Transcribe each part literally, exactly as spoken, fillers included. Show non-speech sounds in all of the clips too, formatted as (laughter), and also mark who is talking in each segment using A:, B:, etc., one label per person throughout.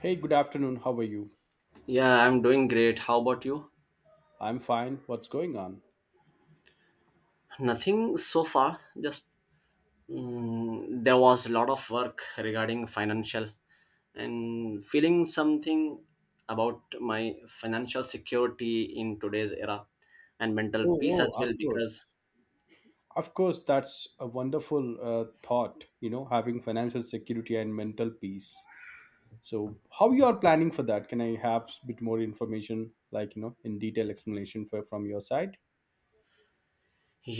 A: Hey, good afternoon. How are you?
B: Yeah, I'm doing great. How about you?
A: I'm fine. What's going on?
B: Nothing so far. Just mm, there was a lot of work regarding financial and feeling something about my financial security in today's era and mental
A: Oh,
B: peace
A: oh,
B: as
A: of
B: well
A: course.
B: because
A: Of course, that's a wonderful uh, thought, you know, having financial security and mental peace. So, how you are planning for that? Can I have a bit more information, like, you know, in detail explanation for, from your side?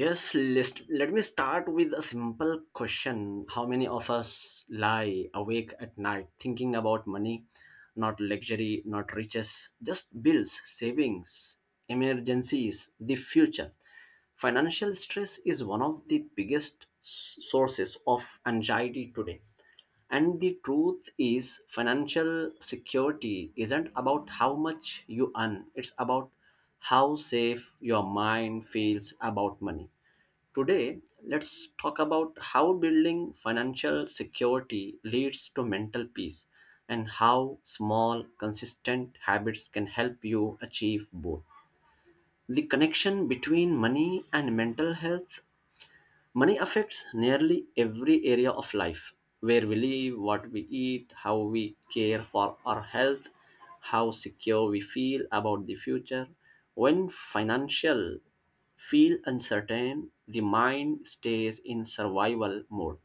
B: yes, let, let me start with a simple question. How many of us lie awake at night thinking about money? Not luxury, not riches, just bills, savings, emergencies, the future. Financial stress is one of the biggest s- sources of anxiety today. And the truth is, financial security isn't about how much you earn, it's about how safe your mind feels about money. Today, let's talk about how building financial security leads to mental peace and how small, consistent habits can help you achieve both. The connection between money and mental health. Money affects nearly every area of life: where we live, what we eat, how we care for our health, how secure we feel about the future. When financial feel uncertain, the mind stays in survival mode.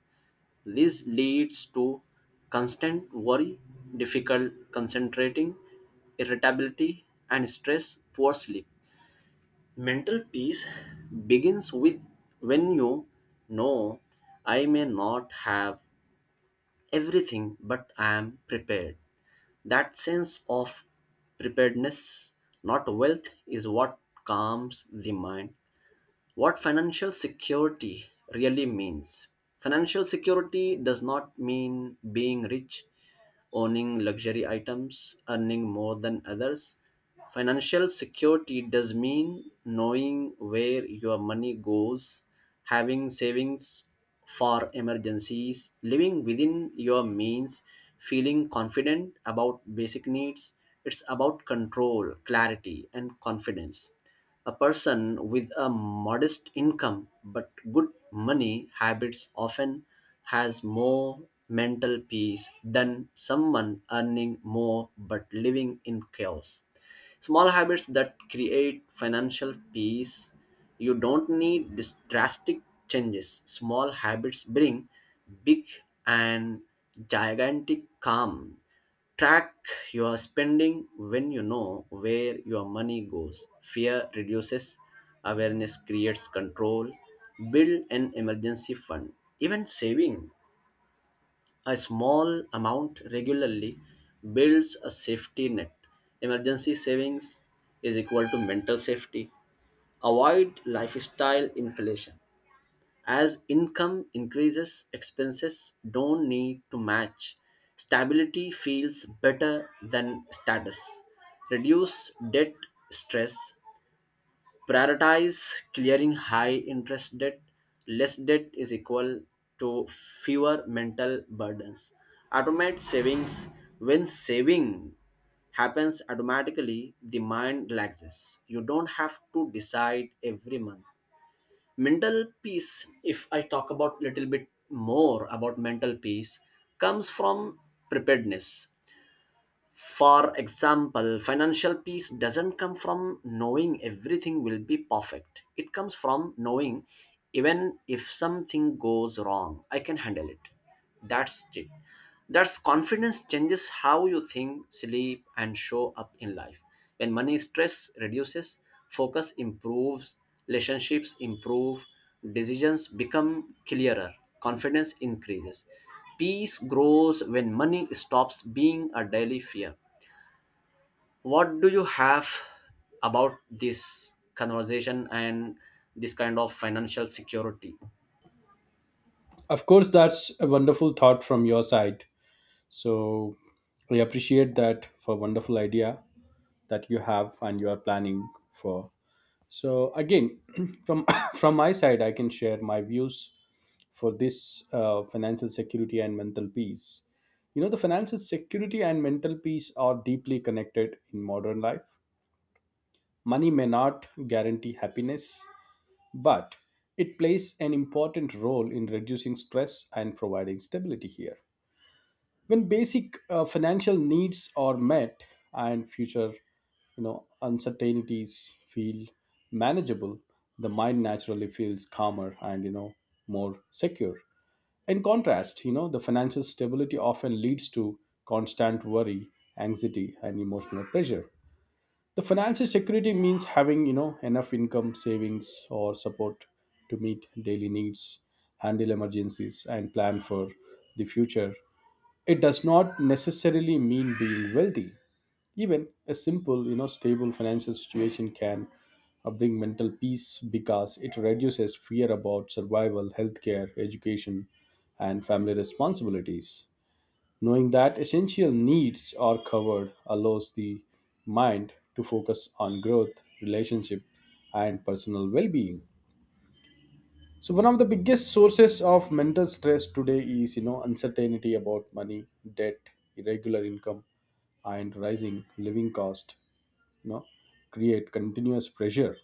B: This leads to constant worry, difficult concentrating, irritability, and stress, poor sleep. Mental peace begins with when you know I may not have everything, but I am prepared. That sense of preparedness, not wealth, is what calms the mind. What financial security really means. Financial security does not mean being rich, owning luxury items, earning more than others. Financial security does mean knowing where your money goes, having savings for emergencies, living within your means, feeling confident about basic needs. It's about control, clarity, and confidence. A person with a modest income but good money habits often has more mental peace than someone earning more but living in chaos. Small habits that create financial peace. You don't need dis- drastic changes. Small habits bring big and gigantic calm. Track your spending. When you know where your money goes, fear reduces, awareness creates control. Build an emergency fund. Even saving a small amount regularly builds a safety net. Emergency savings is equal to mental safety. Avoid lifestyle inflation. As income increases, expenses don't need to match. Stability feels better than status. Reduce debt stress. Prioritize clearing high interest debt. Less debt is equal to fewer mental burdens. Automate savings. When saving happens automatically, the mind relaxes. You don't have to decide every month. Mental peace, if I talk about little bit more about mental peace, comes from preparedness. For example, financial peace doesn't come from knowing everything will be perfect. It comes from knowing even if something goes wrong, I can handle it. That's it. That's confidence changes how you think, sleep, and show up in life. When money stress reduces, focus improves, relationships improve, decisions become clearer, confidence increases. Peace grows when money stops being a daily fear. What do you have about this conversation and this kind of financial security?
A: Of course, that's a wonderful thought from your side. So, we appreciate that for wonderful idea that you have and you are planning for. So again, (clears throat) from (coughs) from my side, I can share my views for this uh, financial security and mental peace. You know, the financial security and mental peace are deeply connected in modern life. Money may not guarantee happiness, but it plays an important role in reducing stress and providing stability here when basic uh, financial needs are met, and future, you know, uncertainties feel manageable. The mind naturally feels calmer and, you know, more secure. In contrast, you know, the financial stability often leads to constant worry, anxiety, and emotional pressure. The financial security means having, you know, enough income, savings, or support to meet daily needs, handle emergencies, and plan for the future. It does not necessarily mean being wealthy. Even a simple, you know, stable financial situation can uh, bring mental peace because it reduces fear about survival, healthcare, education, and family responsibilities. Knowing that essential needs are covered allows the mind to focus on growth, relationship, and personal well being. So one of the biggest sources of mental stress today is, you know, uncertainty about money, debt, irregular income, and rising living cost. You know, create continuous pressure.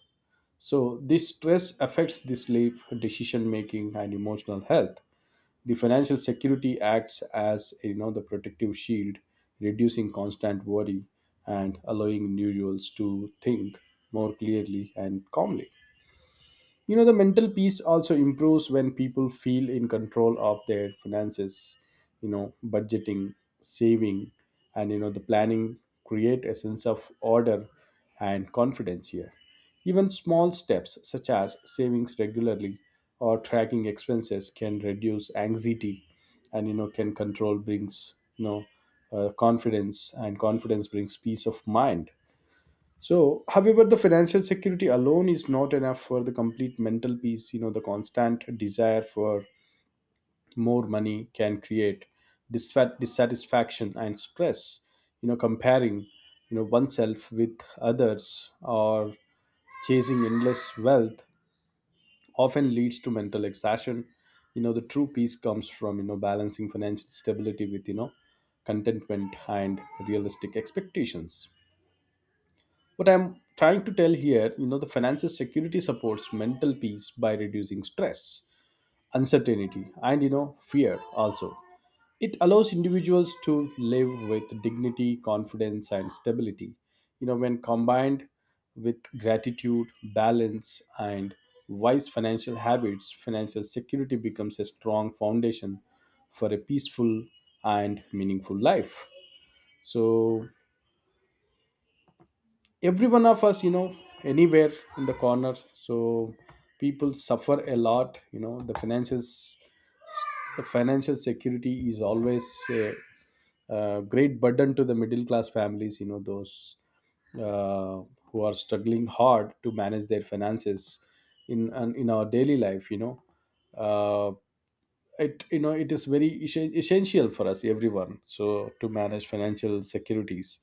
A: So this stress affects the sleep, decision making, and emotional health. The financial security acts as, you know, the protective shield, reducing constant worry and allowing individuals to think more clearly and calmly. You know, the mental peace also improves when people feel in control of their finances, you know, budgeting, saving, and, you know, the planning create a sense of order and confidence here. Even small steps such as savings regularly or tracking expenses can reduce anxiety and, you know, can control brings, you know, uh, confidence, and confidence brings peace of mind. So, however, the financial security alone is not enough for the complete mental peace. You know, the constant desire for more money can create disfat- dissatisfaction and stress. You know, comparing, you know, oneself with others or chasing endless wealth often leads to mental exhaustion. You know, the true peace comes from, you know, balancing financial stability with, you know, contentment and realistic expectations. What I'm trying to tell here, you know, the financial security supports mental peace by reducing stress, uncertainty, and, you know, fear also. It allows individuals to live with dignity, confidence, and stability. You know, when combined with gratitude, balance, and wise financial habits, financial security becomes a strong foundation for a peaceful and meaningful life. So, every one of us, you know, anywhere in the corner, so people suffer a lot, you know, the finances, the financial security is always a, uh great burden to the middle class families, you know, those uh, who are struggling hard to manage their finances in in our daily life, you know, uh, it, you know, it is very essen- essential for us everyone, so to manage financial securities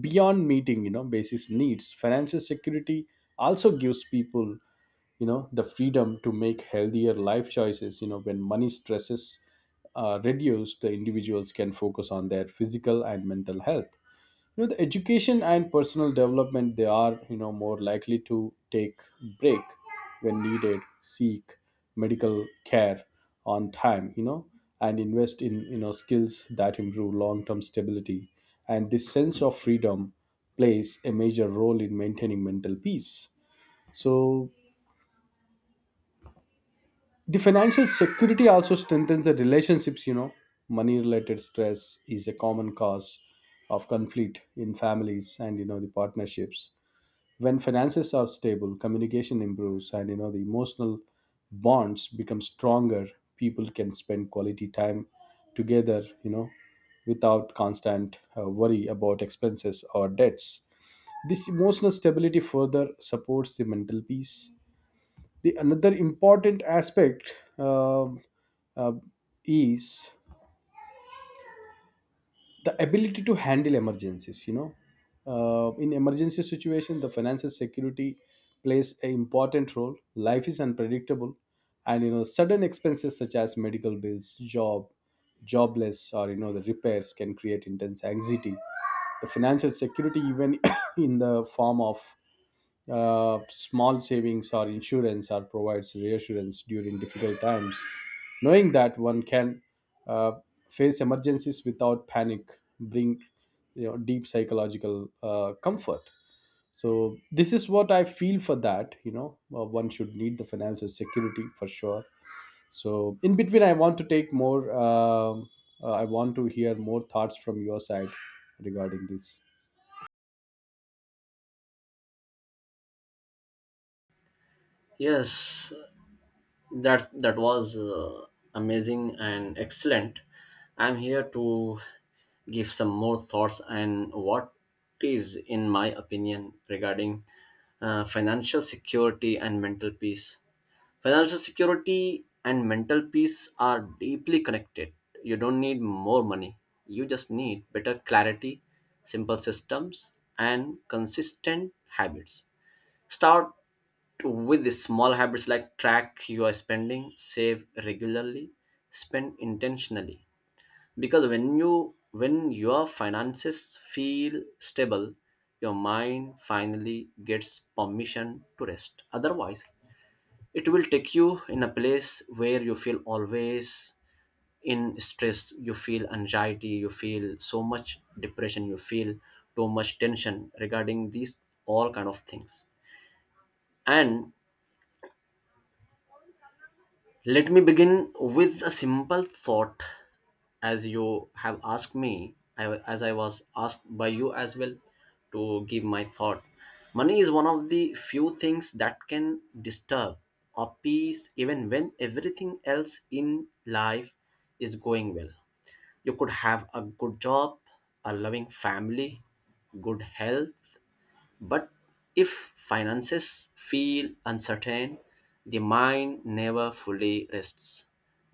A: beyond meeting, you know, basis needs. Financial security also gives people, you know, the freedom to make healthier life choices. You know, when money stresses are reduced, the individuals can focus on their physical and mental health, you know, the education and personal development. They are, you know, more likely to take break when needed, seek medical care on time, you know, and invest in, you know, skills that improve long term stability, and this sense of freedom plays a major role in maintaining mental peace. So the financial security also strengthens the relationships. You know, money related stress is a common cause of conflict in families and, you know, the partnerships. When finances are stable, communication improves and, you know, the emotional bonds become stronger. People can spend quality time together, you know, without constant uh, worry about expenses or debts. This emotional stability further supports the mental peace. The another important aspect, um, uh, is the ability to handle emergencies. You know, uh, in emergency situation, the financial security plays an important role. Life is unpredictable, and you know, sudden expenses such as medical bills, job jobless, or you know, the repairs can create intense anxiety. The financial security, even (coughs) in the form of uh, small savings or insurance, or provides reassurance during difficult times. Knowing that one can uh, face emergencies without panic bring, you know, deep psychological uh, comfort. So this is what I feel for that. You know, uh, one should need the financial security for sure. So in between, I want to take more. um uh, I want to hear more thoughts from your side regarding this.
B: Yes, that that was uh, amazing and excellent. I'm here to give some more thoughts and what is in my opinion regarding uh, financial security and mental peace. Financial security and mental peace are deeply connected. You don't need more money, you just need better clarity, simple systems, and consistent habits. Start with the small habits like track your spending, save regularly, spend intentionally. Because when you when your finances feel stable, your mind finally gets permission to rest. Otherwise, it will take you in a place where you feel always in stress, you feel anxiety, you feel so much depression, you feel too much tension regarding these all kind of things. And let me begin with a simple thought, as you have asked me, I, as I was asked by you as well, to give my thought. Money is one of the few things that can disturb or peace even when everything else in life is going well. You could have a good job, a loving family, good health, but if finances feel uncertain, the mind never fully rests.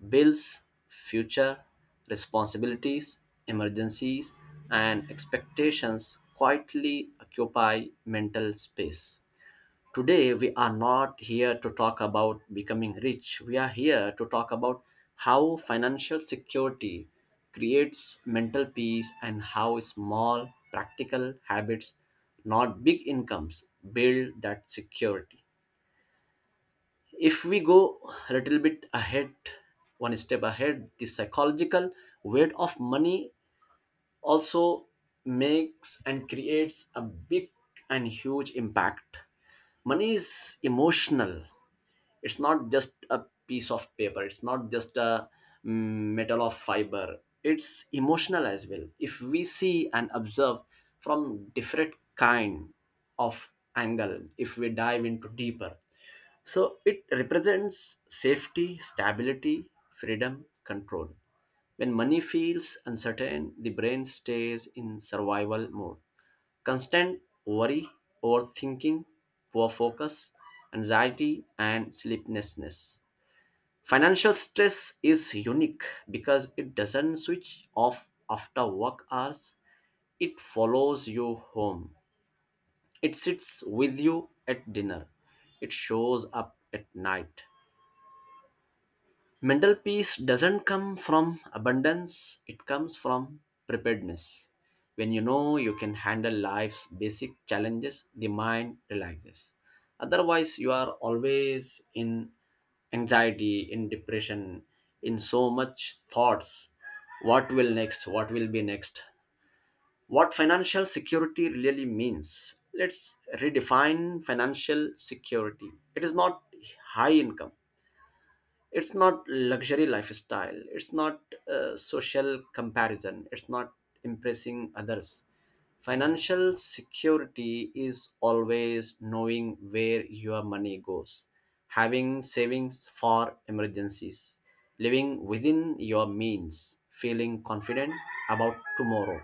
B: Bills, future responsibilities, emergencies, and expectations quietly occupy mental space. Today, we are not here to talk about becoming rich. We are here to talk about how financial security creates mental peace and how small, practical habits, not big incomes, build that security. If we go a little bit ahead, one step ahead, the psychological weight of money also makes and creates a big and huge impact. Money is emotional. It's not just a piece of paper, it's not just a mm, metal of fiber, it's emotional as well. If we see and observe from different kind of angle, if we dive into deeper, so it represents safety, stability, freedom, control. When money feels uncertain, the brain stays in survival mode. Constant worry, overthinking, poor focus, anxiety, and sleeplessness. Financial stress is unique because it doesn't switch off after work hours. It follows you home. It sits with you at dinner. It shows up at night. Mental peace doesn't come from abundance, it comes from preparedness. When you know you can handle life's basic challenges, the mind relaxes. Otherwise, you are always in anxiety, in depression, in so much thoughts. What will next? What will be next? What financial security really means. Let's redefine financial security. It is not high income, it's not luxury lifestyle, it's not uh, social comparison, it's not impressing others. Financial security is always knowing where your money goes, having savings for emergencies, living within your means, feeling confident about tomorrow.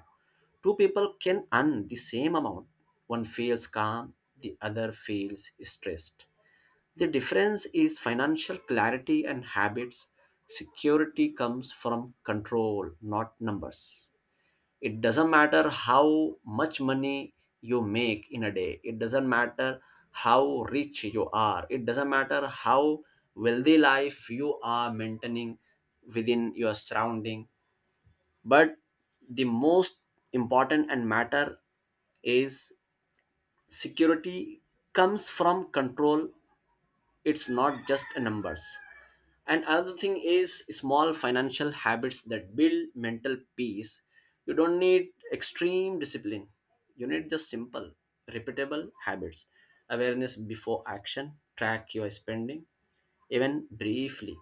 B: Two people can earn the same amount, one feels calm, the other feels stressed. The difference is financial clarity and habits. Security comes from control, not numbers. It doesn't matter how much money you make in a day, it doesn't matter how rich you are, it doesn't matter how wealthy life you are maintaining within your surrounding. But the most important and matter is security comes from control, it's not just a numbers. And another thing is small financial habits that build mental peace. You don't need extreme discipline. You need just simple, repeatable habits. Awareness before action, track your spending, even briefly.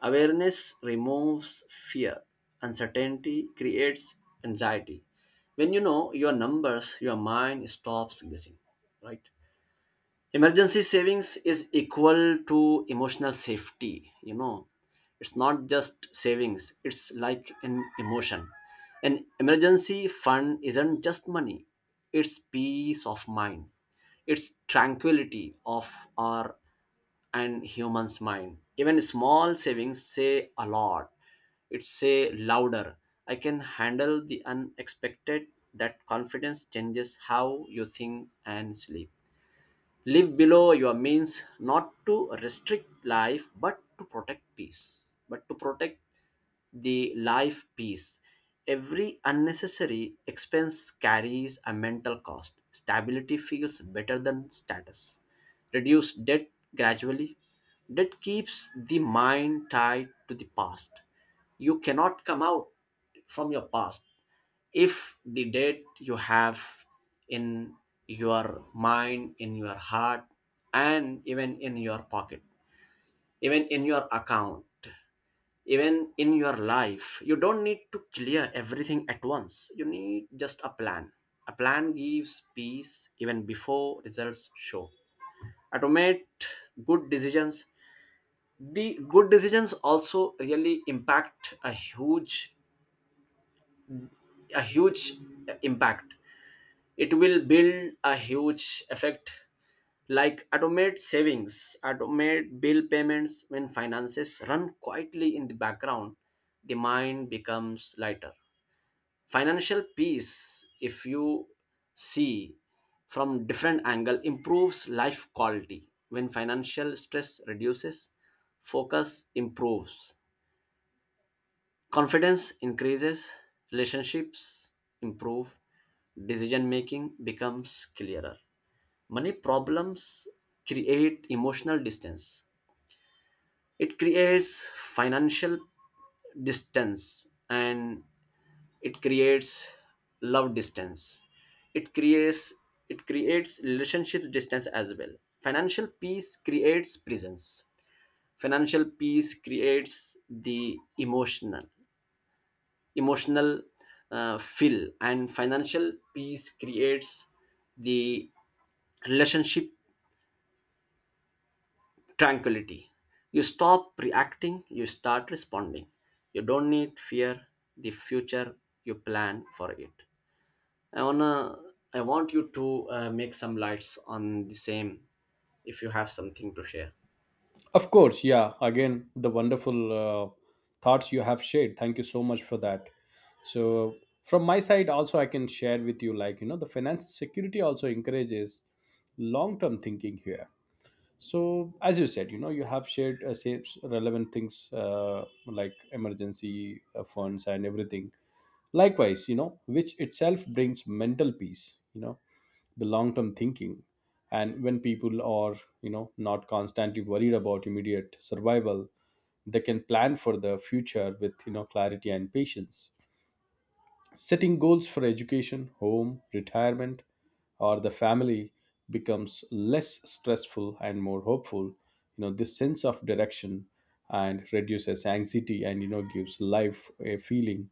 B: Awareness removes fear. Uncertainty creates anxiety. When you know your numbers, your mind stops guessing, right? Emergency savings is equal to emotional safety, you know. It's not just savings, it's like an emotion. An emergency fund isn't just money, it's peace of mind, it's tranquility of our and human's mind. Even small savings say a lot, it say louder, I can handle the unexpected. That confidence changes how you think and sleep. Live below your means, not to restrict life but to protect peace, but to protect the life peace. Every unnecessary expense carries a mental cost. Stability feels better than status. Reduce debt gradually. Debt keeps the mind tied to the past. You cannot come out from your past if the debt you have in your mind, in your heart, and even in your pocket, even in your account, even in your life. You don't need to clear everything at once, you need just a plan. A plan gives peace even before results show. Automate good decisions. The good decisions also really impact a huge, a huge impact. It will build a huge effect, like automate savings, automate bill payments. When finances run quietly in the background, the mind becomes lighter. Financial peace, if you see from different angle, improves life quality. When financial stress reduces, focus improves, confidence increases, relationships improve, decision making becomes clearer. Money problems create emotional distance. It creates financial distance and it creates love distance. It creates, it creates relationship distance as well. Financial peace creates presence. Financial peace creates the emotional, emotional uh, fill, and financial peace creates the relationship tranquility. You stop reacting, you start responding. You don't need fear the future, you plan for it. I wanna, I want you to uh, make some lights on the same if you have something to share.
A: Of course, yeah. Again, the wonderful uh, thoughts you have shared. Thank you so much for that. So, from my side, also, I can share with you like, you know, the finance security also encourages long term thinking here. So, as you said, you know, you have shared uh, say, relevant things uh, like emergency uh, funds and everything. Likewise, you know, which itself brings mental peace, you know, the long term thinking, and when people are, you know, not constantly worried about immediate survival, they can plan for the future with, you know, clarity and patience. Setting goals for education, home, retirement, or the family becomes less stressful and more hopeful. You know, this sense of direction and reduces anxiety and, you know, gives life a feeling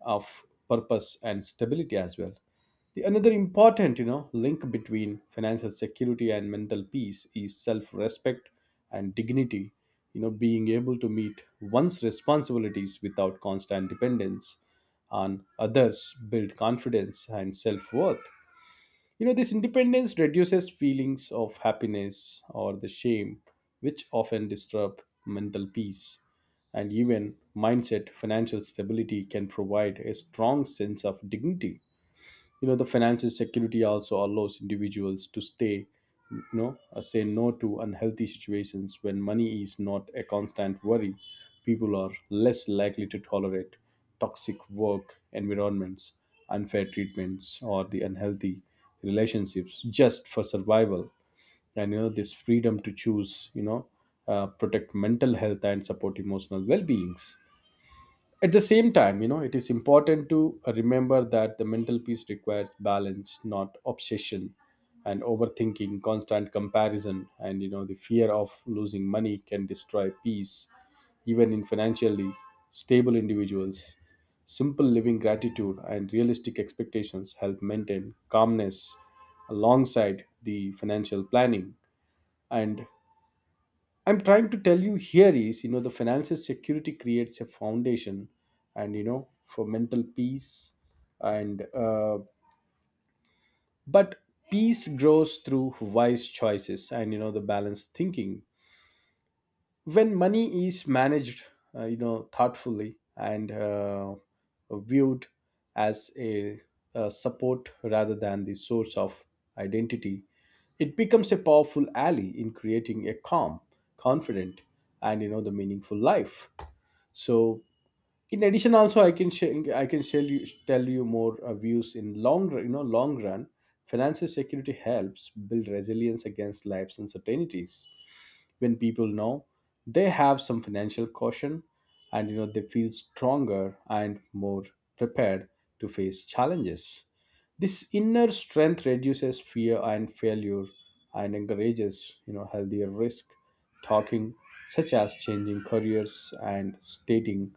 A: of purpose and stability as well. The another important, you know, link between financial security and mental peace is self-respect and dignity. You know, being able to meet one's responsibilities without constant dependence on others build confidence and self-worth. You know, this independence reduces feelings of happiness or the shame which often disturb mental peace and even mindset. Financial stability can provide a strong sense of dignity. You know, the financial security also allows individuals to stay no, uh, say no to unhealthy situations. When money is not a constant worry, people are less likely to tolerate toxic work environments, unfair treatments, or the unhealthy relationships just for survival. And you know, this freedom to choose, you know, uh, protect mental health and support emotional well-beings. At the same time, you know, it is important to remember that the mental peace requires balance, not obsession, and overthinking, constant comparison, and, you know, the fear of losing money can destroy peace, even in financially stable individuals. Simple living, gratitude, and realistic expectations help maintain calmness alongside the financial planning. And I'm trying to tell you here is, you know, the financial security creates a foundation and, you know, for mental peace. And, uh, but peace grows through wise choices and, you know, the balanced thinking when money is managed, uh, you know, thoughtfully, and uh, viewed as a, a support rather than the source of identity, it becomes a powerful ally in creating a calm, confident, and, you know, the meaningful life. So, in addition also, I can share, I can tell you tell you more uh, views. In long run- you know, long run, financial security helps build resilience against life's uncertainties. When people know they have some financial caution, and you know, they feel stronger and more prepared to face challenges. This inner strength reduces fear and failure, and encourages, you know, healthier risk talking, such as changing careers and stating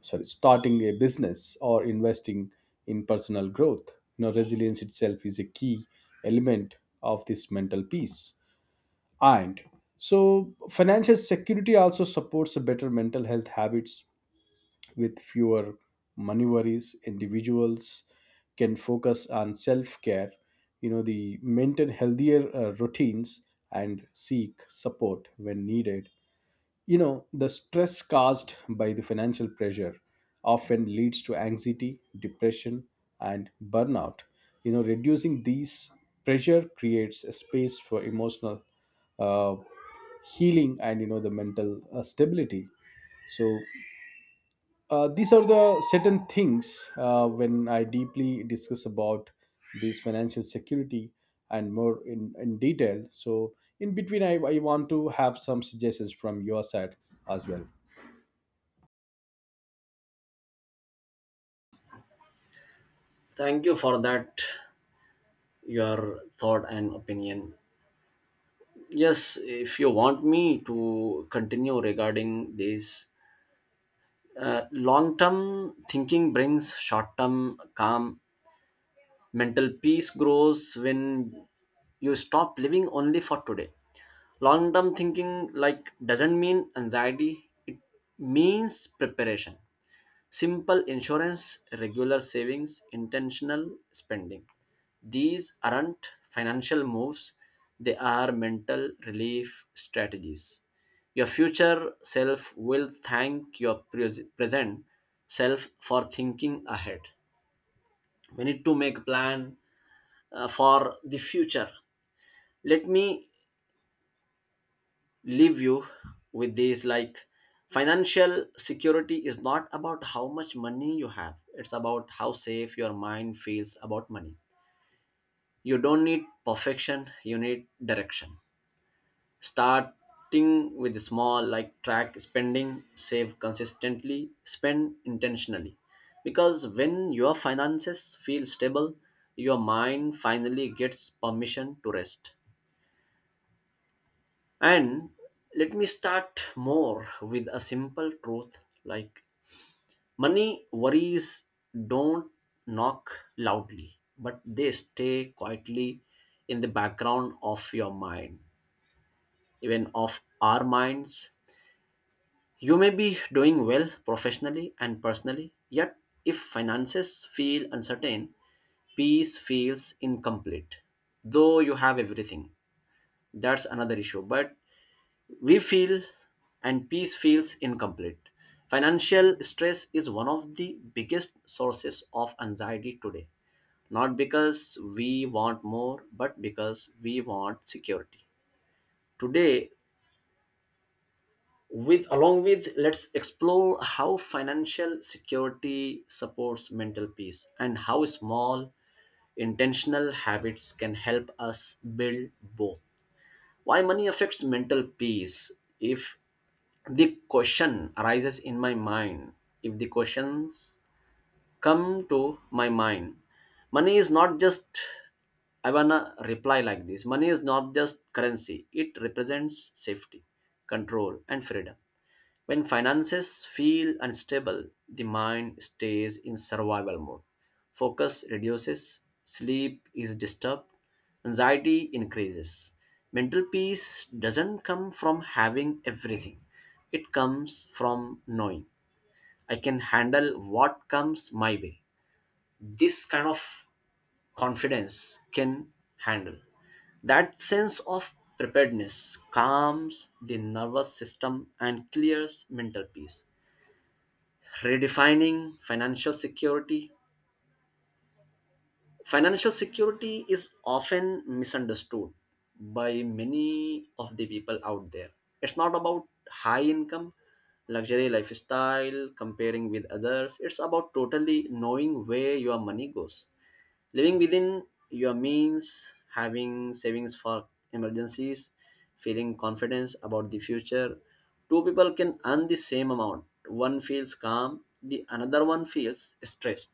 A: sorry starting a business or investing in personal growth. You know, resilience itself is a key element of this mental peace. And so, financial security also supports a better mental health habits. With fewer money worries, individuals can focus on self care, you know, the maintain healthier uh, routines and seek support when needed. You know, the stress caused by the financial pressure often leads to anxiety, depression, and burnout. You know, reducing these pressure creates a space for emotional uh, healing and, you know, the mental uh, stability. So uh, these are the certain things uh, when I deeply discuss about this financial security and more in, in detail. So, in between, I, I want to have some suggestions from your side as well.
B: Thank you for that, your thought and opinion. Yes, if you want me to continue regarding this, uh, long term thinking brings short term calm. Mental peace grows when you stop living only for today. Long term thinking like doesn't mean anxiety, it means preparation. Simple insurance, regular savings, intentional spending. These aren't financial moves, they are mental relief strategies. Your future self will thank your pres- present self for thinking ahead. We need to make a plan, uh, for the future. Let me leave you with these like financial security is not about how much money you have, it's about how safe your mind feels about money. You don't need perfection, you need direction. Starting with small, like track spending, save consistently, spend intentionally. Because when your finances feel stable, your mind finally gets permission to rest. And let me start more with a simple truth like money worries don't knock loudly, but they stay quietly in the background of your mind, even of our minds. You may be doing well professionally and personally, yet if finances feel uncertain, peace feels incomplete, though you have everything. That's another issue, but we feel and peace feels incomplete. Financial stress is one of the biggest sources of anxiety today, not because we want more, but because we want security. Today, with along with let's explore how financial security supports mental peace and how small intentional habits can help us build both. Why money affects mental peace if the question arises in my mind if the questions come to my mind money is not just, I wanna reply like this, money is not just currency, it represents safety, control, and freedom. When finances feel unstable, the mind stays in survival mode. Focus reduces, sleep is disturbed, anxiety increases. Mental peace doesn't come from having everything, it comes from knowing I can handle what comes my way. This kind of confidence can handle. That sense of preparedness calms the nervous system and clears mental peace, redefining financial security. Financial security is often misunderstood by many of the people out there. It's not about high income, luxury lifestyle, comparing with others. It's about totally knowing where your money goes. Living within your means, having savings for emergencies, feeling confidence about the future. Two people can earn the same amount. One feels calm, the another one feels stressed.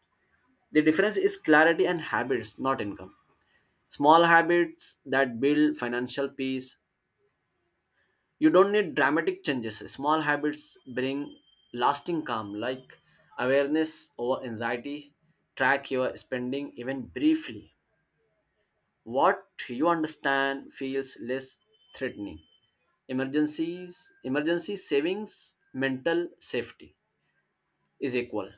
B: The difference is clarity and habits, not income. Small habits that build financial peace. You don't need dramatic changes. Small habits bring lasting calm, like awareness over anxiety, track your spending even briefly, what you understand feels less threatening. Emergencies, emergency savings, mental safety is equal.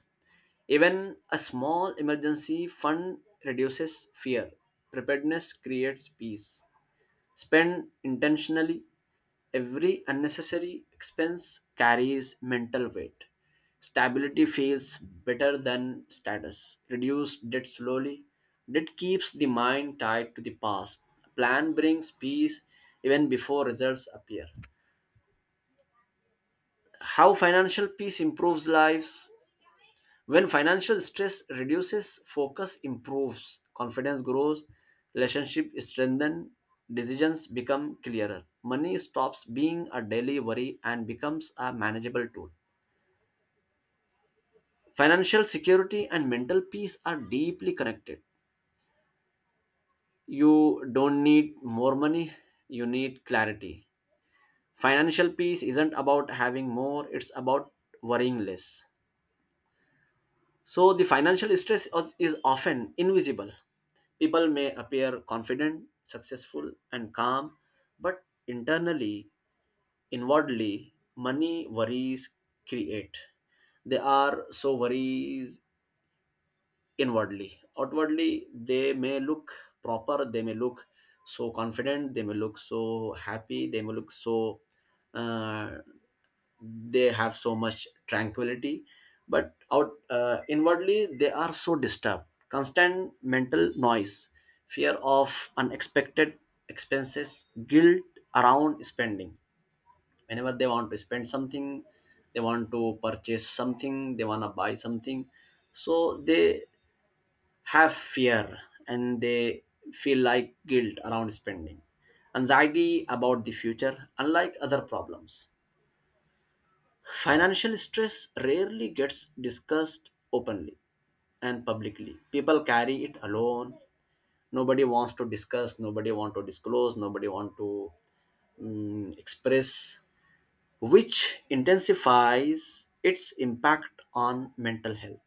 B: Even a small emergency fund reduces fear. Preparedness creates peace. Spend intentionally. Every unnecessary expense carries mental weight. Stability feels better than status. Reduce debt slowly. Debt keeps the mind tied to the past. A plan brings peace even before results appear. How financial peace improves life. When financial stress reduces, focus improves, confidence grows, relationship strengthen, decisions become clearer. Money stops being a daily worry and becomes a manageable tool. Financial security and mental peace are deeply connected. You don't need more money, you need clarity. Financial peace isn't about having more, it's about worrying less. So the financial stress of- is often invisible. People may appear confident, successful, and calm, but internally, inwardly, money worries create. They are so worries inwardly. Outwardly, they may look proper, they may look so confident, they may look so happy, they may look so, uh, they have so much tranquility. But out uh, inwardly, they are so disturbed. Constant mental noise, fear of unexpected expenses, guilt around spending. Whenever they want to spend something, they want to purchase something, they want to buy something, so they have fear and they feel like guilt around spending, anxiety about the future, unlike other problems. Financial stress rarely gets discussed openly and publicly. People carry it alone. Nobody wants to discuss, nobody want to disclose, nobody want to mm, express, which intensifies its impact on mental health.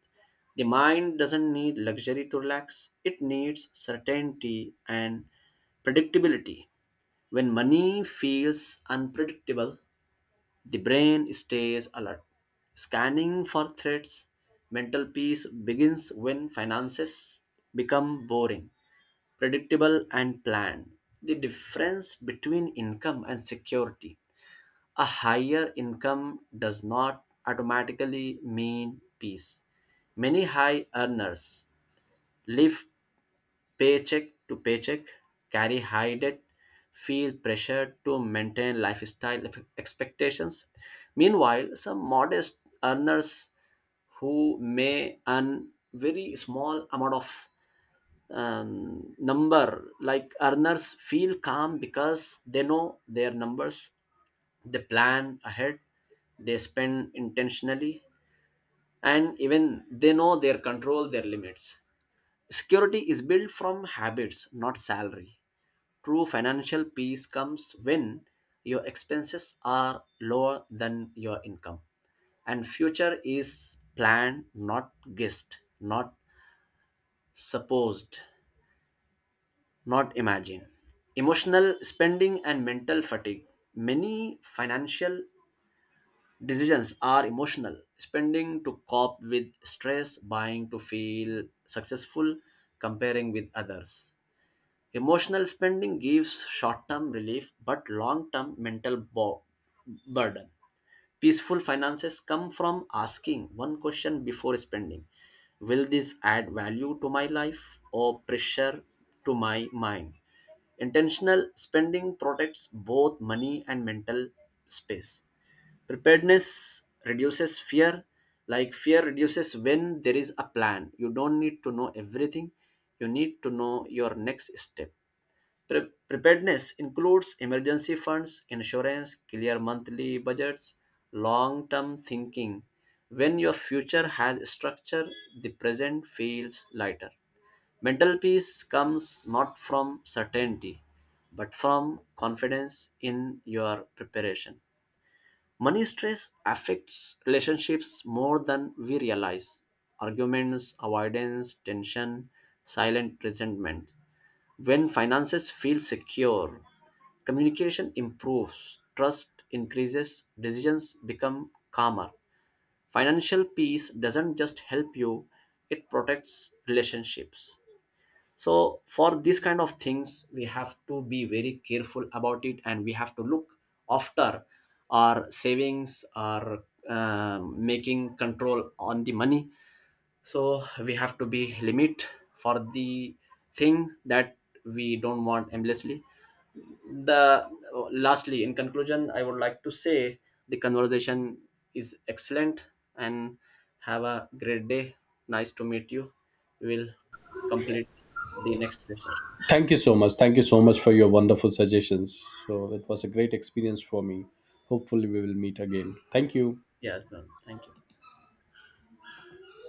B: The mind doesn't need luxury to relax, it needs certainty and predictability. When money feels unpredictable, the brain stays alert, scanning for threats. Mental peace begins when finances become boring, predictable, and planned. The difference between income and security: a higher income does not automatically mean peace. Many high earners live paycheck to paycheck, carry high debt, feel pressure to maintain lifestyle ex- expectations. Meanwhile, some modest earners who may earn very small amount of um, number like earners feel calm because they know their numbers, they plan ahead, they spend intentionally, and even they know their control their limits. Security is built from habits, not salary. True financial peace comes when your expenses are lower than your income and future is planned, not guessed, not supposed, not imagine. Emotional spending and mental fatigue. Many financial decisions are emotional. Spending to cope with stress, buying to feel successful, comparing with others. Emotional spending gives short term relief but long term mental bo- burden. Peaceful finances come from asking one question before spending: will this add value to my life or pressure to my mind? Intentional spending protects both money and mental space. Preparedness reduces fear, like fear reduces when there is a plan. You don't need to know everything, you need to know your next step. Pre- preparedness includes emergency funds, insurance, clear monthly budgets, long term thinking. When your future has structure, the present feels lighter. Mental peace comes not from certainty, but from confidence in your preparation. Money stress affects relationships more than we realize. Arguments, avoidance, tension, silent resentment. When finances feel secure, communication improves, trust increases, decisions become calmer. Financial peace doesn't just help you, it protects relationships. So, for these kind of things, we have to be very careful about it and we have to look after our savings, our um, making control on the money, so we have to be limit for the thing that we don't want endlessly the uh, lastly, in conclusion, I would like to say the conversation is excellent, and have a great day, nice to meet you, we will complete the next session.
A: Thank you so much. Thank you so much for your wonderful suggestions. So, it was a great experience for me. Hopefully, we will meet again. Thank you.
B: Yeah, thank you.